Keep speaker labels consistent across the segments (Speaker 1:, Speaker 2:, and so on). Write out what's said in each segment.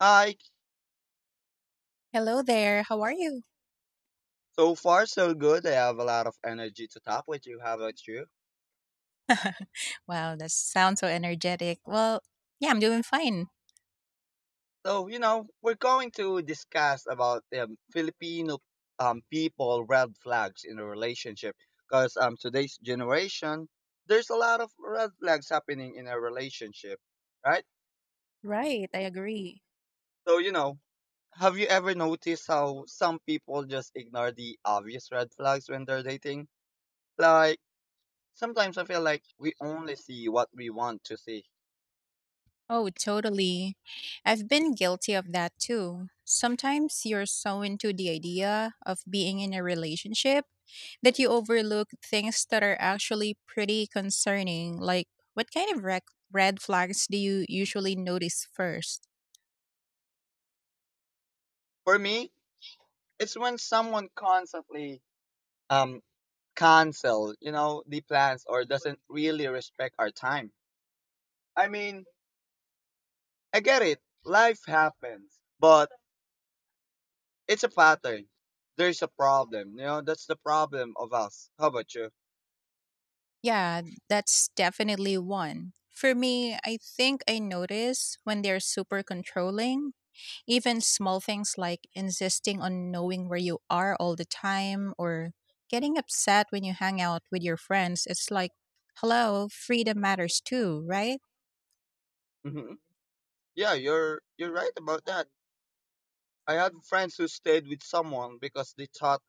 Speaker 1: I
Speaker 2: Hello there. How are you?
Speaker 1: So far so good. I have a lot of energy to talk with you. How about you?
Speaker 2: Wow, that sounds so energetic. Well, yeah, I'm doing fine.
Speaker 1: So you know we're going to discuss about Filipino people red flags in a relationship because today's generation there's a lot of red flags happening in a relationship, right?
Speaker 2: Right, I agree.
Speaker 1: So you know, have you ever noticed how some people just ignore the obvious red flags when they're dating? Like, sometimes I feel like we only see what we want to see.
Speaker 2: Oh, totally. I've been guilty of that too. Sometimes you're so into the idea of being in a relationship that you overlook things that are actually pretty concerning. Like, what kind of red flags do you usually notice first?
Speaker 1: For me, it's when someone constantly um cancel, you know, the plans or doesn't really respect our time. I mean, I get it. Life happens, but it's a pattern. There's a problem, you know. That's the problem of us. How about you?
Speaker 2: Yeah, that's definitely one. For me, I think I notice when they're super controlling. Even small things like insisting on knowing where you are all the time or getting upset when you hang out with your friends, it's like, hello, freedom matters too, right?
Speaker 1: Hmm. Yeah, you're right about that. I had friends who stayed with someone because they thought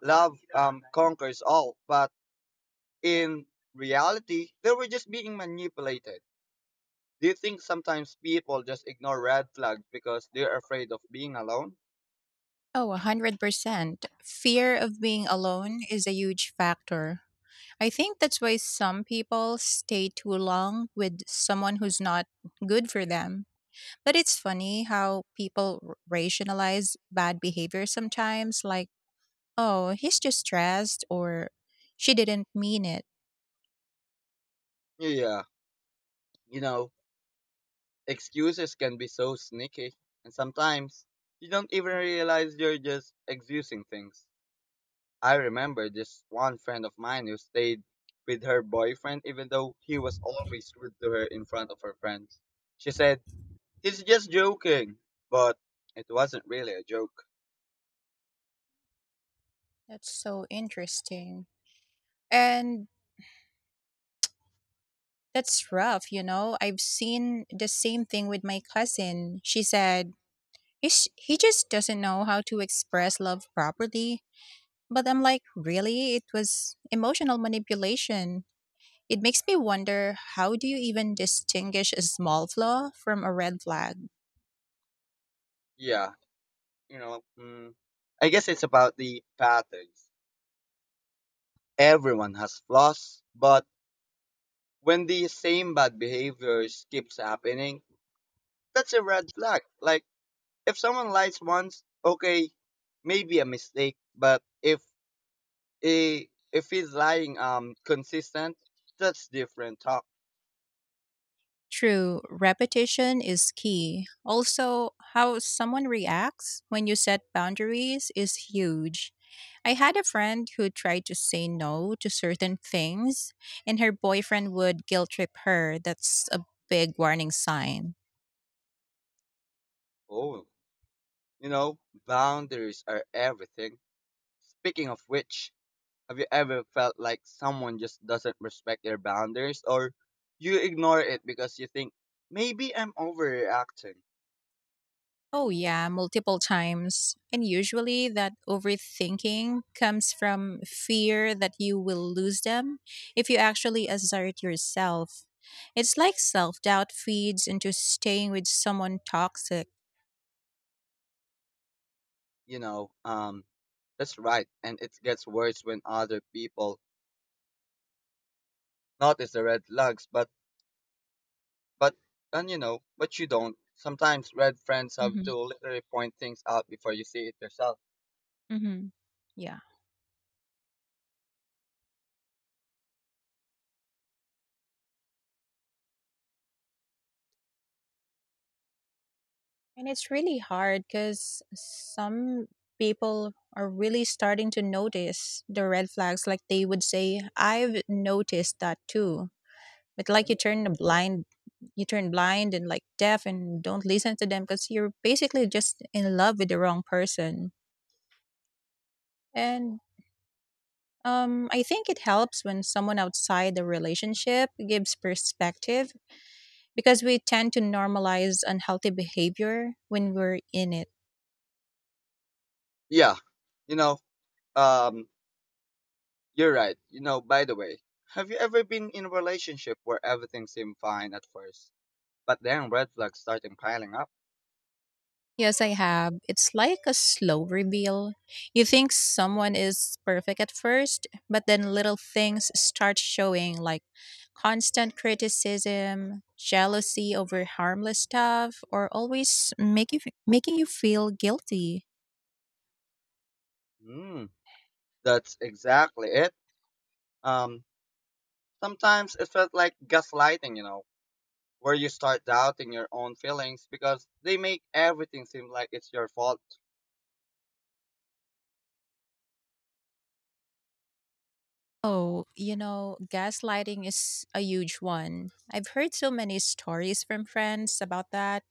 Speaker 1: love conquers all, but in reality, they were just being manipulated. Do you think sometimes people just ignore red flags because they're afraid of being alone?
Speaker 2: Oh, 100%. Fear of being alone is a huge factor. I think that's why some people stay too long with someone who's not good for them. But it's funny how people rationalize bad behavior sometimes, like, oh, he's just stressed, or she didn't mean it.
Speaker 1: Yeah, you know, excuses can be so sneaky, and sometimes you don't even realize you're just excusing things. I remember this one friend of mine who stayed with her boyfriend even though he was always rude to her in front of her friends. She said, "He's just joking," but it wasn't really a joke.
Speaker 2: That's so interesting. And that's rough, you know? I've seen the same thing with my cousin. She said, he just doesn't know how to express love properly. But I'm like, really? It was emotional manipulation. It makes me wonder, how do you even distinguish a small flaw from a red flag?
Speaker 1: Yeah, you know, I guess it's about the patterns. Everyone has flaws, but when the same bad behaviors keeps happening, that's a red flag. Like, if someone lies once, okay, maybe a mistake, but if if he's lying consistent, that's different talk.
Speaker 2: True, repetition is key. Also, how someone reacts when you set boundaries is huge. I had a friend who tried to say no to certain things, and her boyfriend would guilt trip her. That's a big warning sign.
Speaker 1: Oh, you know, boundaries are everything. Speaking of which, have you ever felt like someone just doesn't respect your boundaries, or you ignore it because you think maybe I'm overreacting?
Speaker 2: Oh, yeah, multiple times. And usually that overthinking comes from fear that you will lose them if you actually assert yourself. It's like self doubt feeds into staying with someone toxic.
Speaker 1: You know, that's right. And it gets worse when other people notice the red flags, but, and you know, but you don't. Sometimes red friends have
Speaker 2: Mm-hmm.
Speaker 1: to literally point things out before you see it yourself.
Speaker 2: Mm-hmm. Yeah. And it's really hard because some people are really starting to notice the red flags. Like they would say, I've noticed that too, but like you
Speaker 1: Mhm.
Speaker 2: turn a blind, you turn blind and like deaf and don't listen to them because you're basically just in love with the wrong person. And I think it helps when someone outside the relationship gives perspective, because we tend to normalize unhealthy behavior when we're in it.
Speaker 1: Yeah. You know, um, you're right. You know, by the way, have you ever been in a relationship where everything seemed fine at first, but then red flags started piling up?
Speaker 2: Yes, I have. It's like a slow reveal. You think someone is perfect at first, but then little things start showing like constant criticism, jealousy over harmless stuff, or making you feel guilty.
Speaker 1: Mm, that's exactly it. Um, Sometimes it felt like gaslighting, you know, where you start doubting your own feelings because they make everything seem like it's your fault.
Speaker 2: Oh, you know, gaslighting is a huge one. I've heard so many stories from friends about that,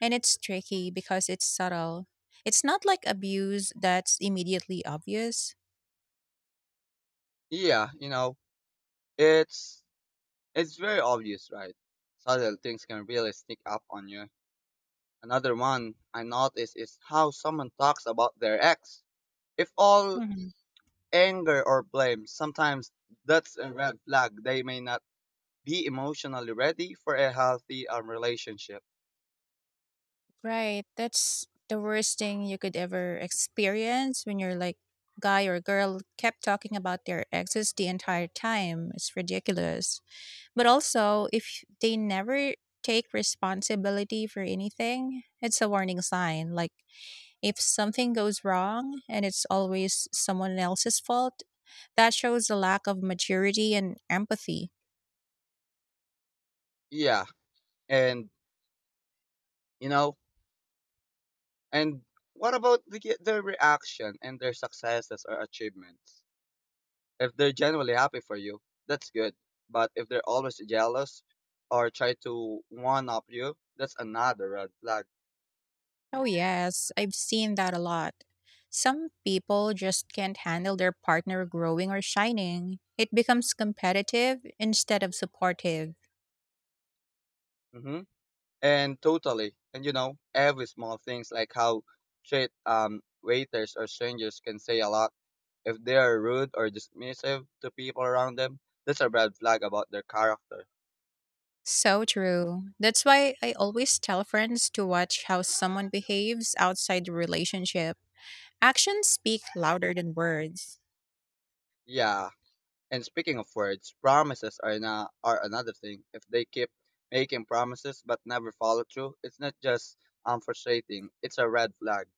Speaker 2: and it's tricky because it's subtle. It's not like abuse that's immediately obvious.
Speaker 1: Yeah, you know, it's it's very obvious, right? Subtle things can really sneak up on you. Another one I notice is how someone talks about their ex. If all
Speaker 2: Mhm.
Speaker 1: anger or blame, sometimes that's a red flag. They may not be emotionally ready for a healthy relationship.
Speaker 2: Right. That's the worst thing you could ever experience, when you're like, guy or girl kept talking about their exes the entire time. It's ridiculous. But also, if they never take responsibility for anything, it's a warning sign. Like, if something goes wrong and it's always someone else's fault, that shows a lack of maturity and empathy.
Speaker 1: Yeah, and you know, and what about their reaction and their successes or achievements? If they're genuinely happy for you, that's good. But if they're always jealous or try to one up you, that's another red flag.
Speaker 2: Oh, yes, I've seen that a lot. Some people just can't handle their partner growing or shining. It becomes competitive instead of supportive.
Speaker 1: Hmm. And totally, and you know, every small things like how treat waiters or strangers can say a lot. If they are rude or dismissive to people around them, that's a red flag about their character.
Speaker 2: So true. That's why I always tell friends to watch how someone behaves outside the relationship. Actions speak louder than words.
Speaker 1: Yeah, and speaking of words, promises are another thing. If they keep making promises but never follow through, it's not just frustrating. It's a red flag.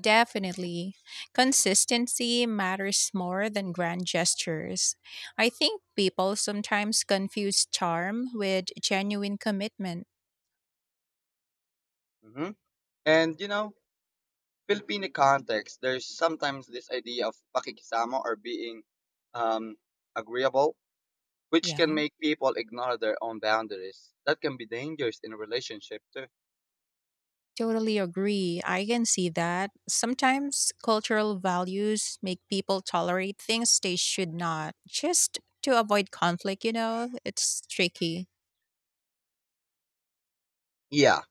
Speaker 2: Definitely. Consistency matters more than grand gestures. I think people sometimes confuse charm with genuine commitment.
Speaker 1: Hmm. And you know, Filipino context, there's sometimes this idea of pakikisama or being um agreeable, which
Speaker 2: Yeah,
Speaker 1: can make people ignore their own boundaries. That can be dangerous in a relationship too.
Speaker 2: totally agree. I can see that. Sometimes cultural values make people tolerate things they should not, just to avoid conflict, you know? It's tricky.
Speaker 1: Yeah.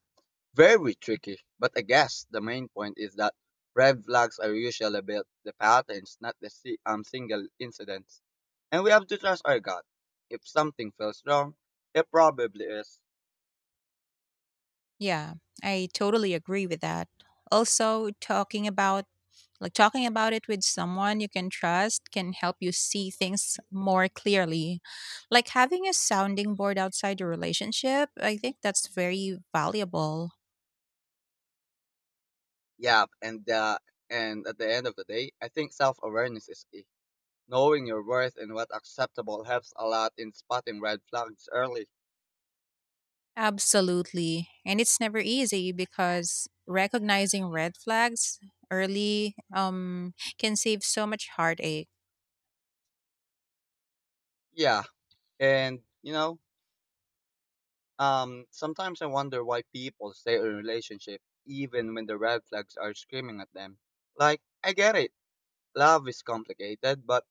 Speaker 1: Very tricky, but I guess the main point is that red flags are usually about the patterns, not the single incidents. And we have to trust our gut. If something feels wrong, it probably is.
Speaker 2: Yeah, I totally agree with that. Also, talking about like talking about it with someone you can trust can help you see things more clearly. Like having a sounding board outside your relationship, I think that's very valuable.
Speaker 1: Yeah, and at the end of the day, I think self-awareness is key. Knowing your worth and what's acceptable helps a lot in spotting red flags early.
Speaker 2: Absolutely. And it's never easy because recognizing red flags early can save so much heartache.
Speaker 1: Yeah, and you know, sometimes I wonder why people stay in a relationship even when the red flags are screaming at them. Like, I get it. Love is complicated, but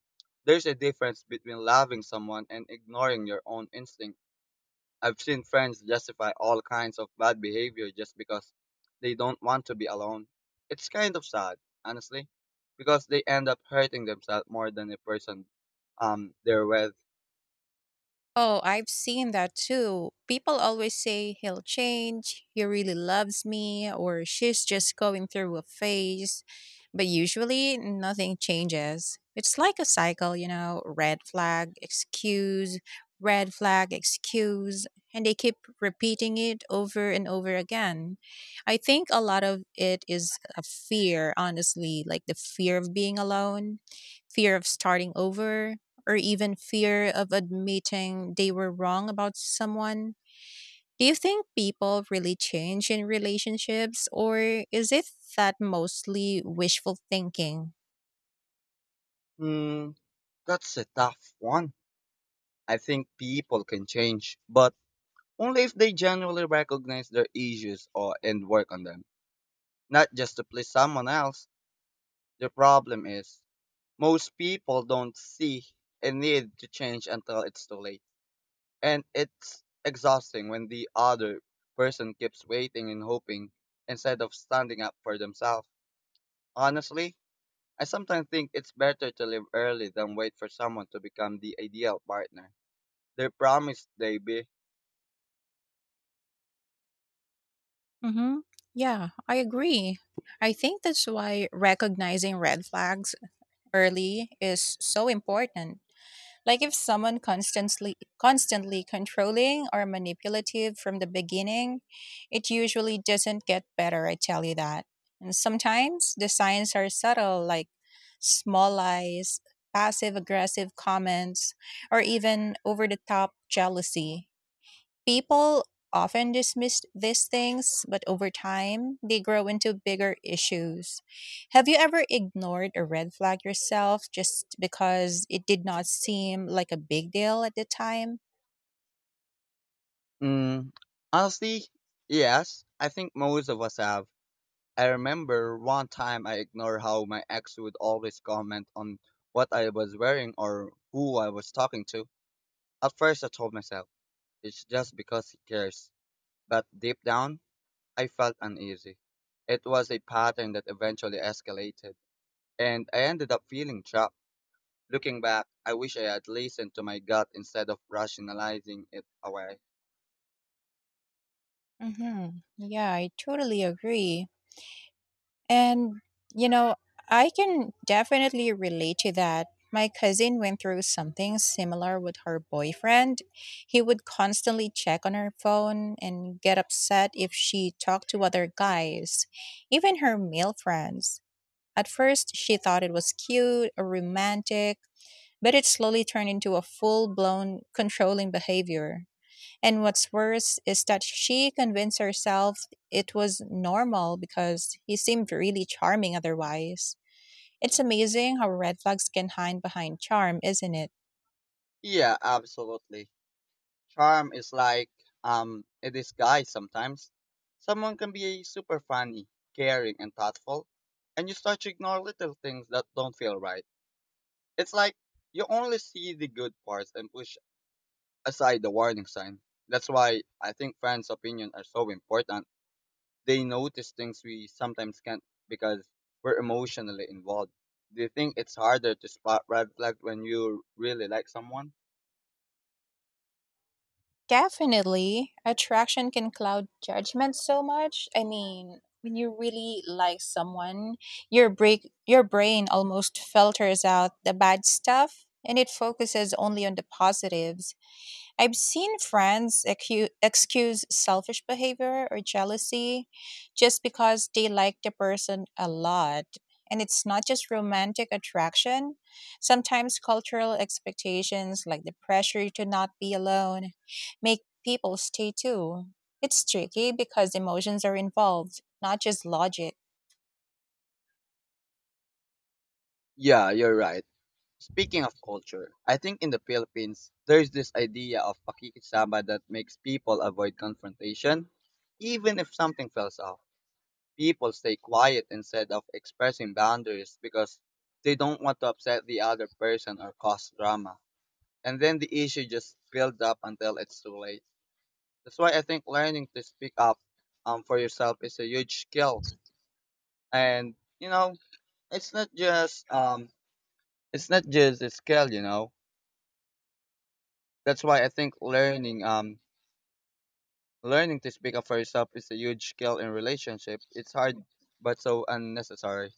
Speaker 1: there's a difference between loving someone and ignoring your own instinct. I've seen friends justify all kinds of bad behavior just because they don't want to be alone. It's kind of sad, honestly, because they end up hurting themselves more than the person they're with.
Speaker 2: Oh, I've seen that too. People always say he'll change, he really loves me, or she's just going through a phase. But usually, nothing changes. It's like a cycle, you know, red flag, excuse, and they keep repeating it over and over again. I think a lot of it is a fear, honestly, like the fear of being alone, fear of starting over, or even fear of admitting they were wrong about someone. Do you think people really change in relationships, or is it that mostly wishful thinking?
Speaker 1: Hmm, that's a tough one. I think people can change, but only if they genuinely recognize their issues or and work on them, not just to please someone else. The problem is most people don't see a need to change until it's too late, and it's exhausting when the other person keeps waiting and hoping instead of standing up for themselves. Honestly, I sometimes think it's better to live early than wait for someone to become the ideal partner. They promised they'd be.
Speaker 2: Hmm. Yeah, I agree. I think that's why recognizing red flags early is so important. Like if someone constantly controlling or manipulative from the beginning, it usually doesn't get better, I tell you that. And sometimes the signs are subtle, like small lies, passive aggressive comments, or even over the top jealousy. People often dismiss these things, but over time, they grow into bigger issues. Have you ever ignored a red flag yourself just because it did not seem like a big deal at the time?
Speaker 1: Mm, honestly, yes. I think most of us have. I remember one time I ignored how my ex would always comment on what I was wearing or who I was talking to. At first, I told myself it's just because he cares, but deep down, I felt uneasy. It was a pattern that eventually escalated, and I ended up feeling trapped. Looking back, I wish I had listened to my gut instead of rationalizing it away.
Speaker 2: Hmm. Yeah, I totally agree. And, you know, I can definitely relate to that. My cousin went through something similar with her boyfriend. He would constantly check on her phone and get upset if she talked to other guys, even her male friends. At first, she thought it was cute or romantic, but it slowly turned into a full blown controlling behavior. And what's worse is that she convinced herself it was normal because he seemed really charming otherwise. It's amazing how red flags can hide behind charm, isn't it?
Speaker 1: Yeah, absolutely. Charm is like a disguise sometimes. Someone can be super funny, caring, and thoughtful, and you start to ignore little things that don't feel right. It's like you only see the good parts and push aside the warning sign. That's why I think friends' opinions are so important. They notice things we sometimes can't because we're emotionally involved. Do you think it's harder to spot red flags when you really like someone?
Speaker 2: Definitely. Attraction can cloud judgment so much. I mean, when you really like someone, your break your brain almost filters out the bad stuff and it focuses only on the positives. I've seen friends excuse selfish behavior or jealousy just because they like the person a lot. And it's not just romantic attraction. Sometimes cultural expectations, like the pressure to not be alone, make people stay too. It's tricky because emotions are involved, not just logic.
Speaker 1: Yeah, you're right. Speaking of culture, I think in the Philippines, there's this idea of pakikisama that makes people avoid confrontation. Even if something falls off, people stay quiet instead of expressing boundaries because they don't want to upset the other person or cause drama. And then the issue just builds up until it's too late. That's why I think learning to speak up for yourself is a huge skill. And, you know, it's not just um, it's not just a skill, you know. That's why I think learning to speak up for yourself is a huge skill in relationship. It's hard but so unnecessary.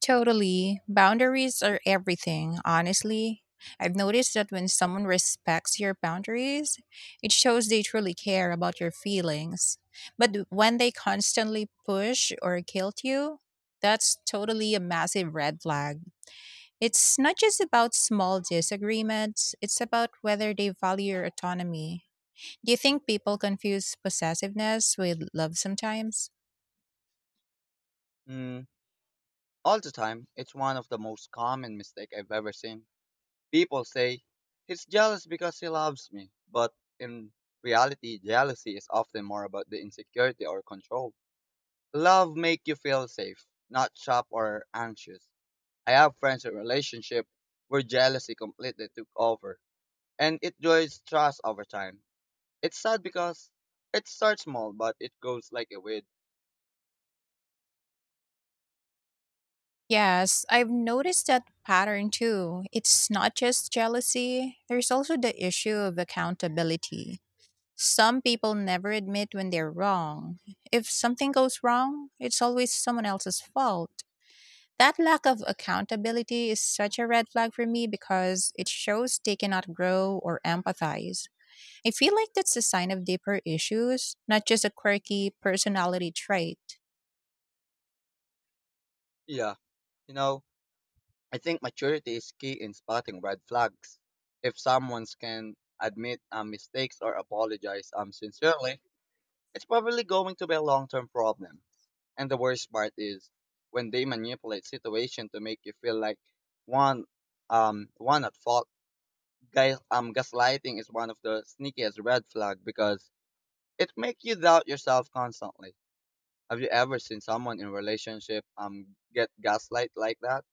Speaker 2: Totally. Boundaries are everything, honestly. I've noticed that when someone respects your boundaries, it shows they truly care about your feelings. But when they constantly push or guilt you, that's totally a massive red flag. It's not just about small disagreements, it's about whether they value your autonomy. Do you think people confuse possessiveness with love sometimes?
Speaker 1: Mm, all the time, it's one of the most common mistake I've ever seen. People say he's jealous because he loves me, but in reality, jealousy is often more about the insecurity or control. Love make you feel safe, not trapped or anxious. I have friends in relationship where jealousy completely took over, and it destroys trust over time. It's sad because it starts small, but it goes like a wind.
Speaker 2: Yes, I've noticed that pattern too. It's not just jealousy, there's also the issue of accountability. Some people never admit when they're wrong. If something goes wrong, it's always someone else's fault. That lack of accountability is such a red flag for me because it shows they cannot grow or empathize. I feel like that's a sign of deeper issues, not just a quirky personality trait.
Speaker 1: Yeah. You know, I think maturity is key in spotting red flags. If someone can admit mistakes or apologize sincerely, it's probably going to be a long-term problem. And the worst part is when they manipulate situation to make you feel like one one at fault. Guys, gaslighting is one of the sneakiest red flag because it makes you doubt yourself constantly. Have you ever seen someone in relationship get gaslight like that?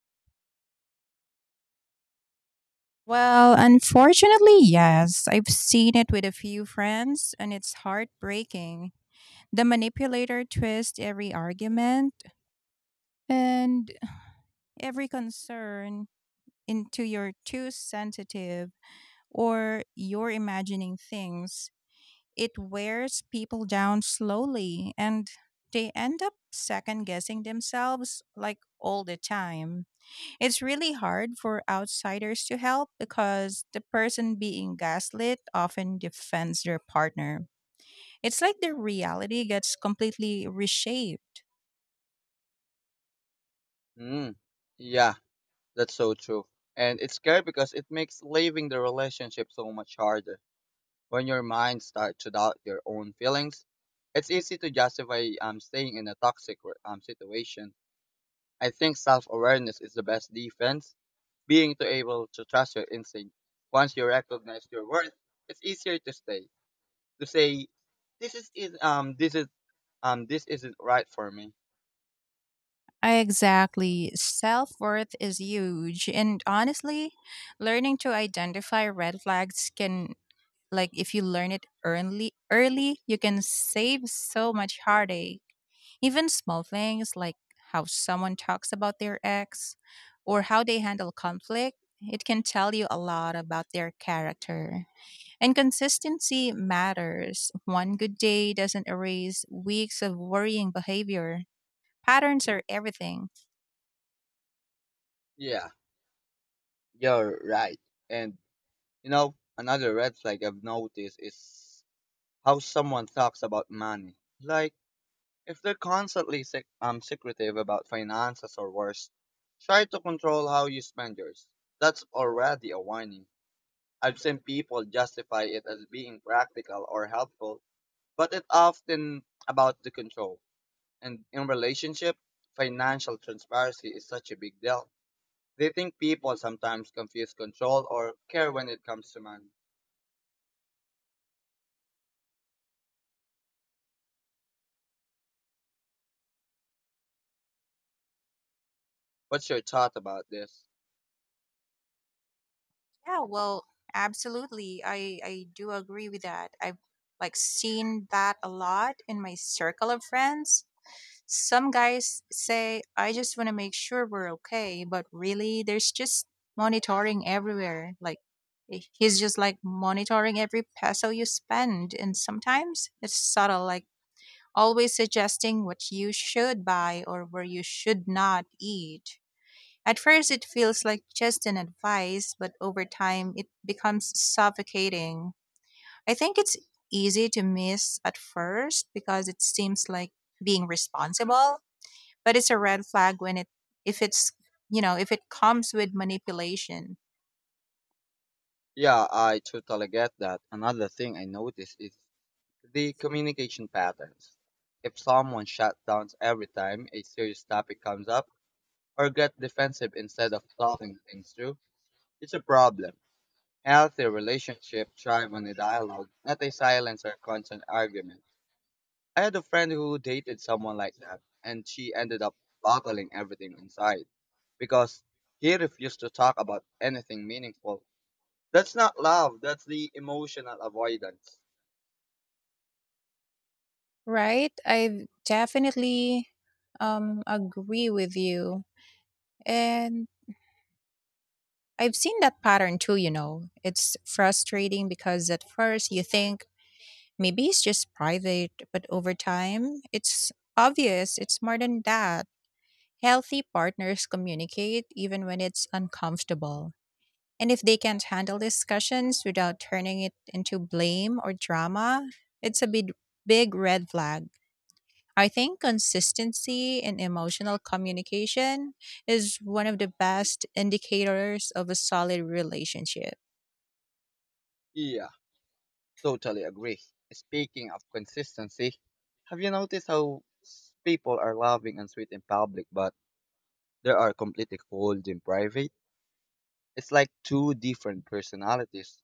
Speaker 2: Well, unfortunately, yes. I've seen it with a few friends, and it's heartbreaking. The manipulator twists every argument and every concern into, you're too sensitive, or you're imagining things. It wears people down slowly, and they end up second guessing themselves like all the time. It's really hard for outsiders to help because the person being gaslit often defends their partner. It's like their reality gets completely reshaped.
Speaker 1: Mm. Yeah, that's so true. And it's scary because it makes leaving the relationship so much harder. When your mind starts to doubt your own feelings, it's easy to justify staying in a toxic situation. I think self-awareness is the best defense. Being to able to trust your instinct. Once you recognize your worth, it's easier to stay. To say, this is- this is this isn't right for me.
Speaker 2: Exactly. Self worth is huge. And honestly, learning to identify red flags can, like, if you learn it early, early, you can save so much heartache. Even small things like how someone talks about their ex, or how they handle conflict, it can tell you a lot about their character. And consistency matters. One good day doesn't erase weeks of worrying behavior. Patterns are everything.
Speaker 1: Yeah, you're right. And you know, another red flag I've noticed is how someone talks about money. Like, if they're constantly secretive about finances or worse, try to control how you spend yours. That's already a warning. I've seen people justify it as being practical or helpful, but it's often about the control. And in relationship, financial transparency is such a big deal. Do you think people sometimes confuse control or care when it comes to money? What's your thought about this?
Speaker 2: Yeah, well, absolutely. I do agree with that. I've like seen that a lot in my circle of friends. Some guys say, I just want to make sure we're okay, but really, there's just monitoring everywhere. Like, he's just like monitoring every peso you spend. And sometimes it's subtle, like always suggesting what you should buy or where you should not eat. At first, it feels like just an advice, but over time, it becomes suffocating. I think it's easy to miss at first because it seems like being responsible, but it's a red flag when it, if it's you know, if it comes with manipulation.
Speaker 1: Yeah, I totally get that. Another thing I noticed is the communication patterns. If someone shuts down every time a serious topic comes up or gets defensive instead of talking things through, it's a problem. Healthy relationships thrive on a dialogue, not a silence or constant argument. I had a friend who dated someone like that, and she ended up bottling everything inside because he refused to talk about anything meaningful. That's not love, that's the emotional avoidance.
Speaker 2: Right? I definitely agree with you. And I've seen that pattern too, you know. It's frustrating because at first you think maybe it's just private, but over time it's obvious it's more than that. Healthy partners communicate even when it's uncomfortable. And if they can't handle discussions without turning it into blame or drama, it's a big red flag. I think consistency in emotional communication is one of the best indicators of a solid relationship.
Speaker 1: Yeah, totally agree. Speaking of consistency, have you noticed how people are loving and sweet in public, but they are completely cold in private? It's like two different personalities.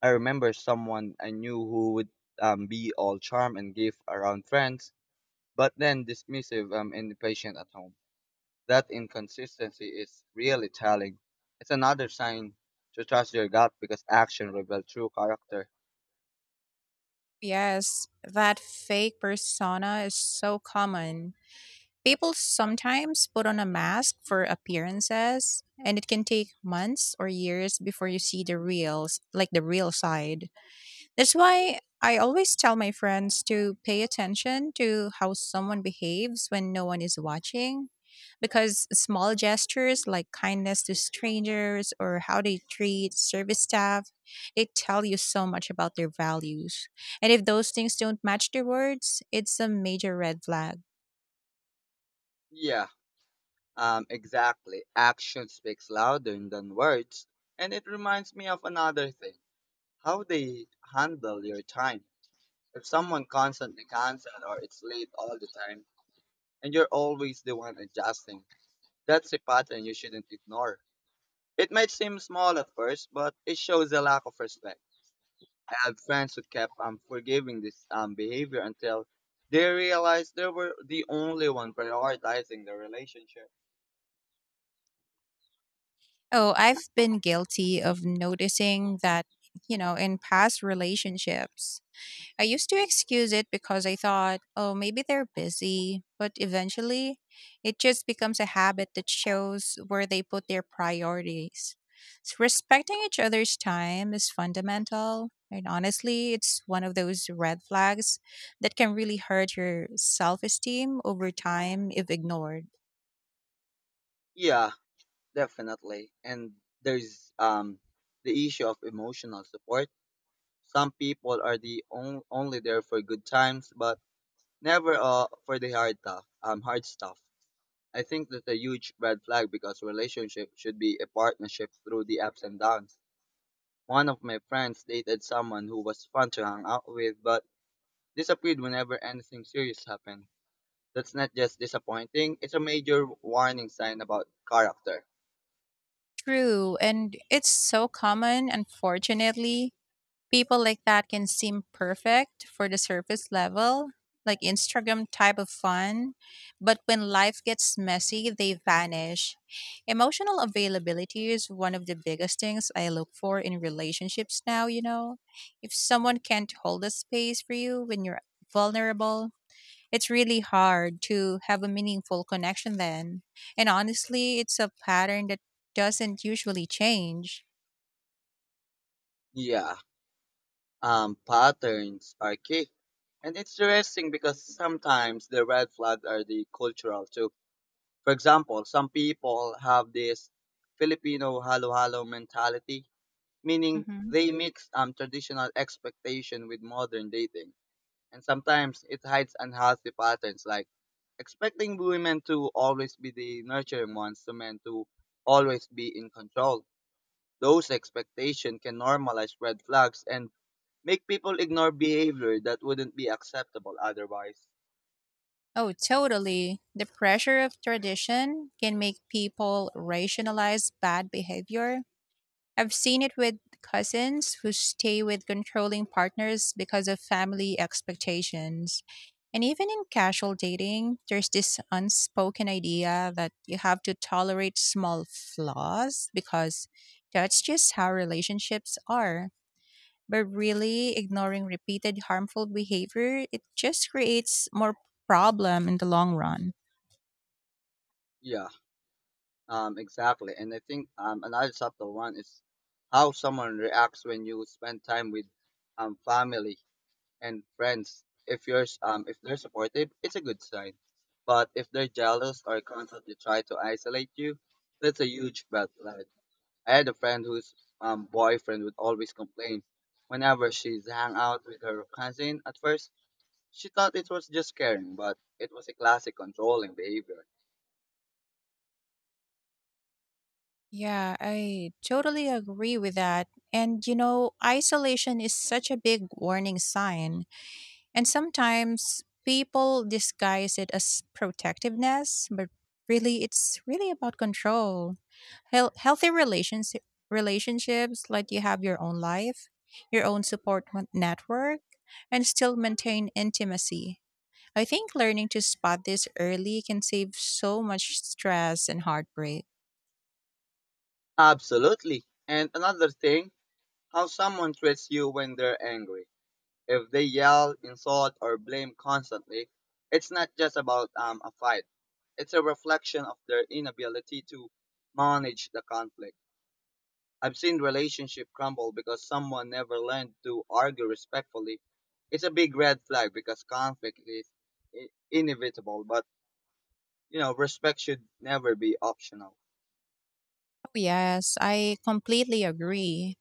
Speaker 1: I remember someone I knew who would be all charm and give around friends but then dismissive and impatient at home. That inconsistency is really telling. It's another sign to trust your gut because action reveals true character.
Speaker 2: Yes, that fake persona is so common. People sometimes put on a mask for appearances, and it can take months or years before you see like the real side. That's why I always tell my friends to pay attention to how someone behaves when no one is watching. Because small gestures like kindness to strangers or how they treat service staff, they tell you so much about their values. And if those things don't match their words, it's a major red flag.
Speaker 1: Yeah, exactly. Action speaks louder than words, and it reminds me of another thing: how they handle your time. If someone constantly cancels or it's late all the time, and you're always the one adjusting, that's a pattern you shouldn't ignore. It might seem small at first, but it shows a lack of respect. I had friends who kept forgiving this behavior until they realized they were the only one prioritizing the relationship.
Speaker 2: Oh, I've been guilty of noticing that, you know, in past relationships. I used to excuse it because I thought, oh, maybe they're busy. But eventually, it just becomes a habit that shows where they put their priorities. So respecting each other's time is fundamental. And honestly, it's one of those red flags that can really hurt your self esteem over time if ignored.
Speaker 1: Yeah, definitely. And there's um, the issue of emotional support. Some people are the only there for good times, but never for the hard stuff. Hard stuff. I think that's a huge red flag because relationship should be a partnership through the ups and downs. One of my friends dated someone who was fun to hang out with, but disappeared whenever anything serious happened. That's not just disappointing, it's a major warning sign about character.
Speaker 2: True. And it's so common, unfortunately. People like that can seem perfect for the surface level, like Instagram type of fun, but when life gets messy, they vanish. Emotional availability is one of the biggest things I look for in relationships now, you know. If someone can't hold a space for you when you're vulnerable, it's really hard to have a meaningful connection then. And honestly, it's a pattern that doesn't usually change.
Speaker 1: Yeah, patterns are key. And it's interesting because sometimes the red flags are the cultural too. For example, some people have this Filipino halo-halo mentality, meaning
Speaker 2: Mhm.
Speaker 1: they mix traditional expectation with modern dating, and sometimes it hides unhealthy patterns like expecting women to always be the nurturing ones to men to always be in control. Those expectations can normalize red flags and make people ignore behavior that wouldn't be acceptable otherwise.
Speaker 2: Oh, totally. The pressure of tradition can make people rationalize bad behavior. I've seen it with cousins who stay with controlling partners because of family expectations. And even in casual dating, there's this unspoken idea that you have to tolerate small flaws because that's just how relationships are. But really, ignoring repeated harmful behavior, it just creates more problem in the long run.
Speaker 1: Yeah, exactly. And I think another subtle one is how someone reacts when you spend time with family and friends, if yours if they're supportive, it's a good sign. But if they're jealous or constantly try to isolate you, that's a huge red flag. I had a friend whose boyfriend would always complain whenever she's hang out with her cousin. At first, she thought it was just caring, but it was a classic controlling behavior.
Speaker 2: Yeah, I totally agree with that. And you know, isolation is such a big warning sign. And sometimes people disguise it as protectiveness, but really it's really about control. Healthy relationships let you have your own life, your own support network, and still maintain intimacy. I think learning to spot this early can save so much stress and heartbreak.
Speaker 1: Absolutely. And another thing, how someone treats you when they're angry. If they yell, insult, or blame constantly, it's not just about a fight. It's a reflection of their inability to manage the conflict. I've seen relationship crumble because someone never learned to argue respectfully. It's a big red flag because conflict is inevitable, but you know, respect should never be optional.
Speaker 2: Oh, yes, I completely agree.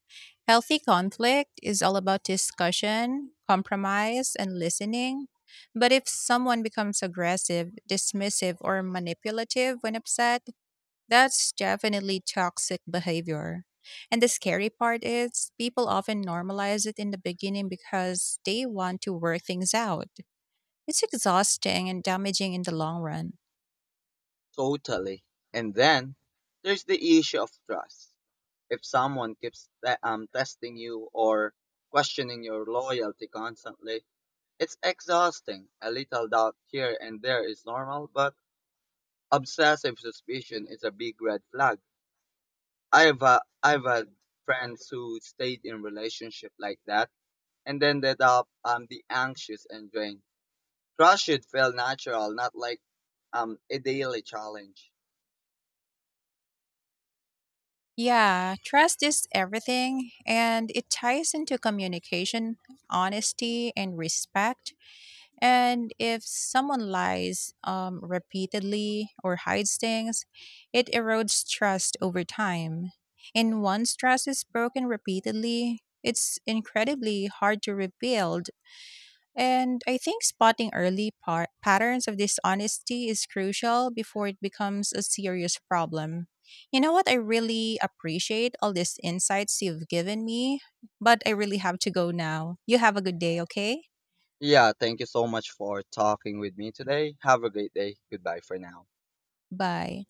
Speaker 2: Healthy conflict is all about discussion, compromise, and listening. But if someone becomes aggressive, dismissive, or manipulative when upset, that's definitely toxic behavior. And the scary part is, people often normalize it in the beginning because they want to work things out. It's exhausting and damaging in the long run.
Speaker 1: Totally. And then there's the issue of trust. If someone keeps testing you or questioning your loyalty constantly, it's exhausting. A little doubt here and there is normal, but obsessive suspicion is a big red flag. I've had friends who stayed in relationship like that and ended up the anxious and drained. Trust should feel natural, not like a daily challenge.
Speaker 2: Yeah, trust is everything, and it ties into communication, honesty, and respect. And if someone lies repeatedly or hides things, it erodes trust over time. And once trust is broken repeatedly, it's incredibly hard to rebuild. And I think spotting early patterns of dishonesty is crucial before it becomes a serious problem. You know what? I really appreciate all these insights you've given me, but I really have to go now. You have a good day, okay?
Speaker 1: Yeah, thank you so much for talking with me today. Have a great day. Goodbye for now.
Speaker 2: Bye.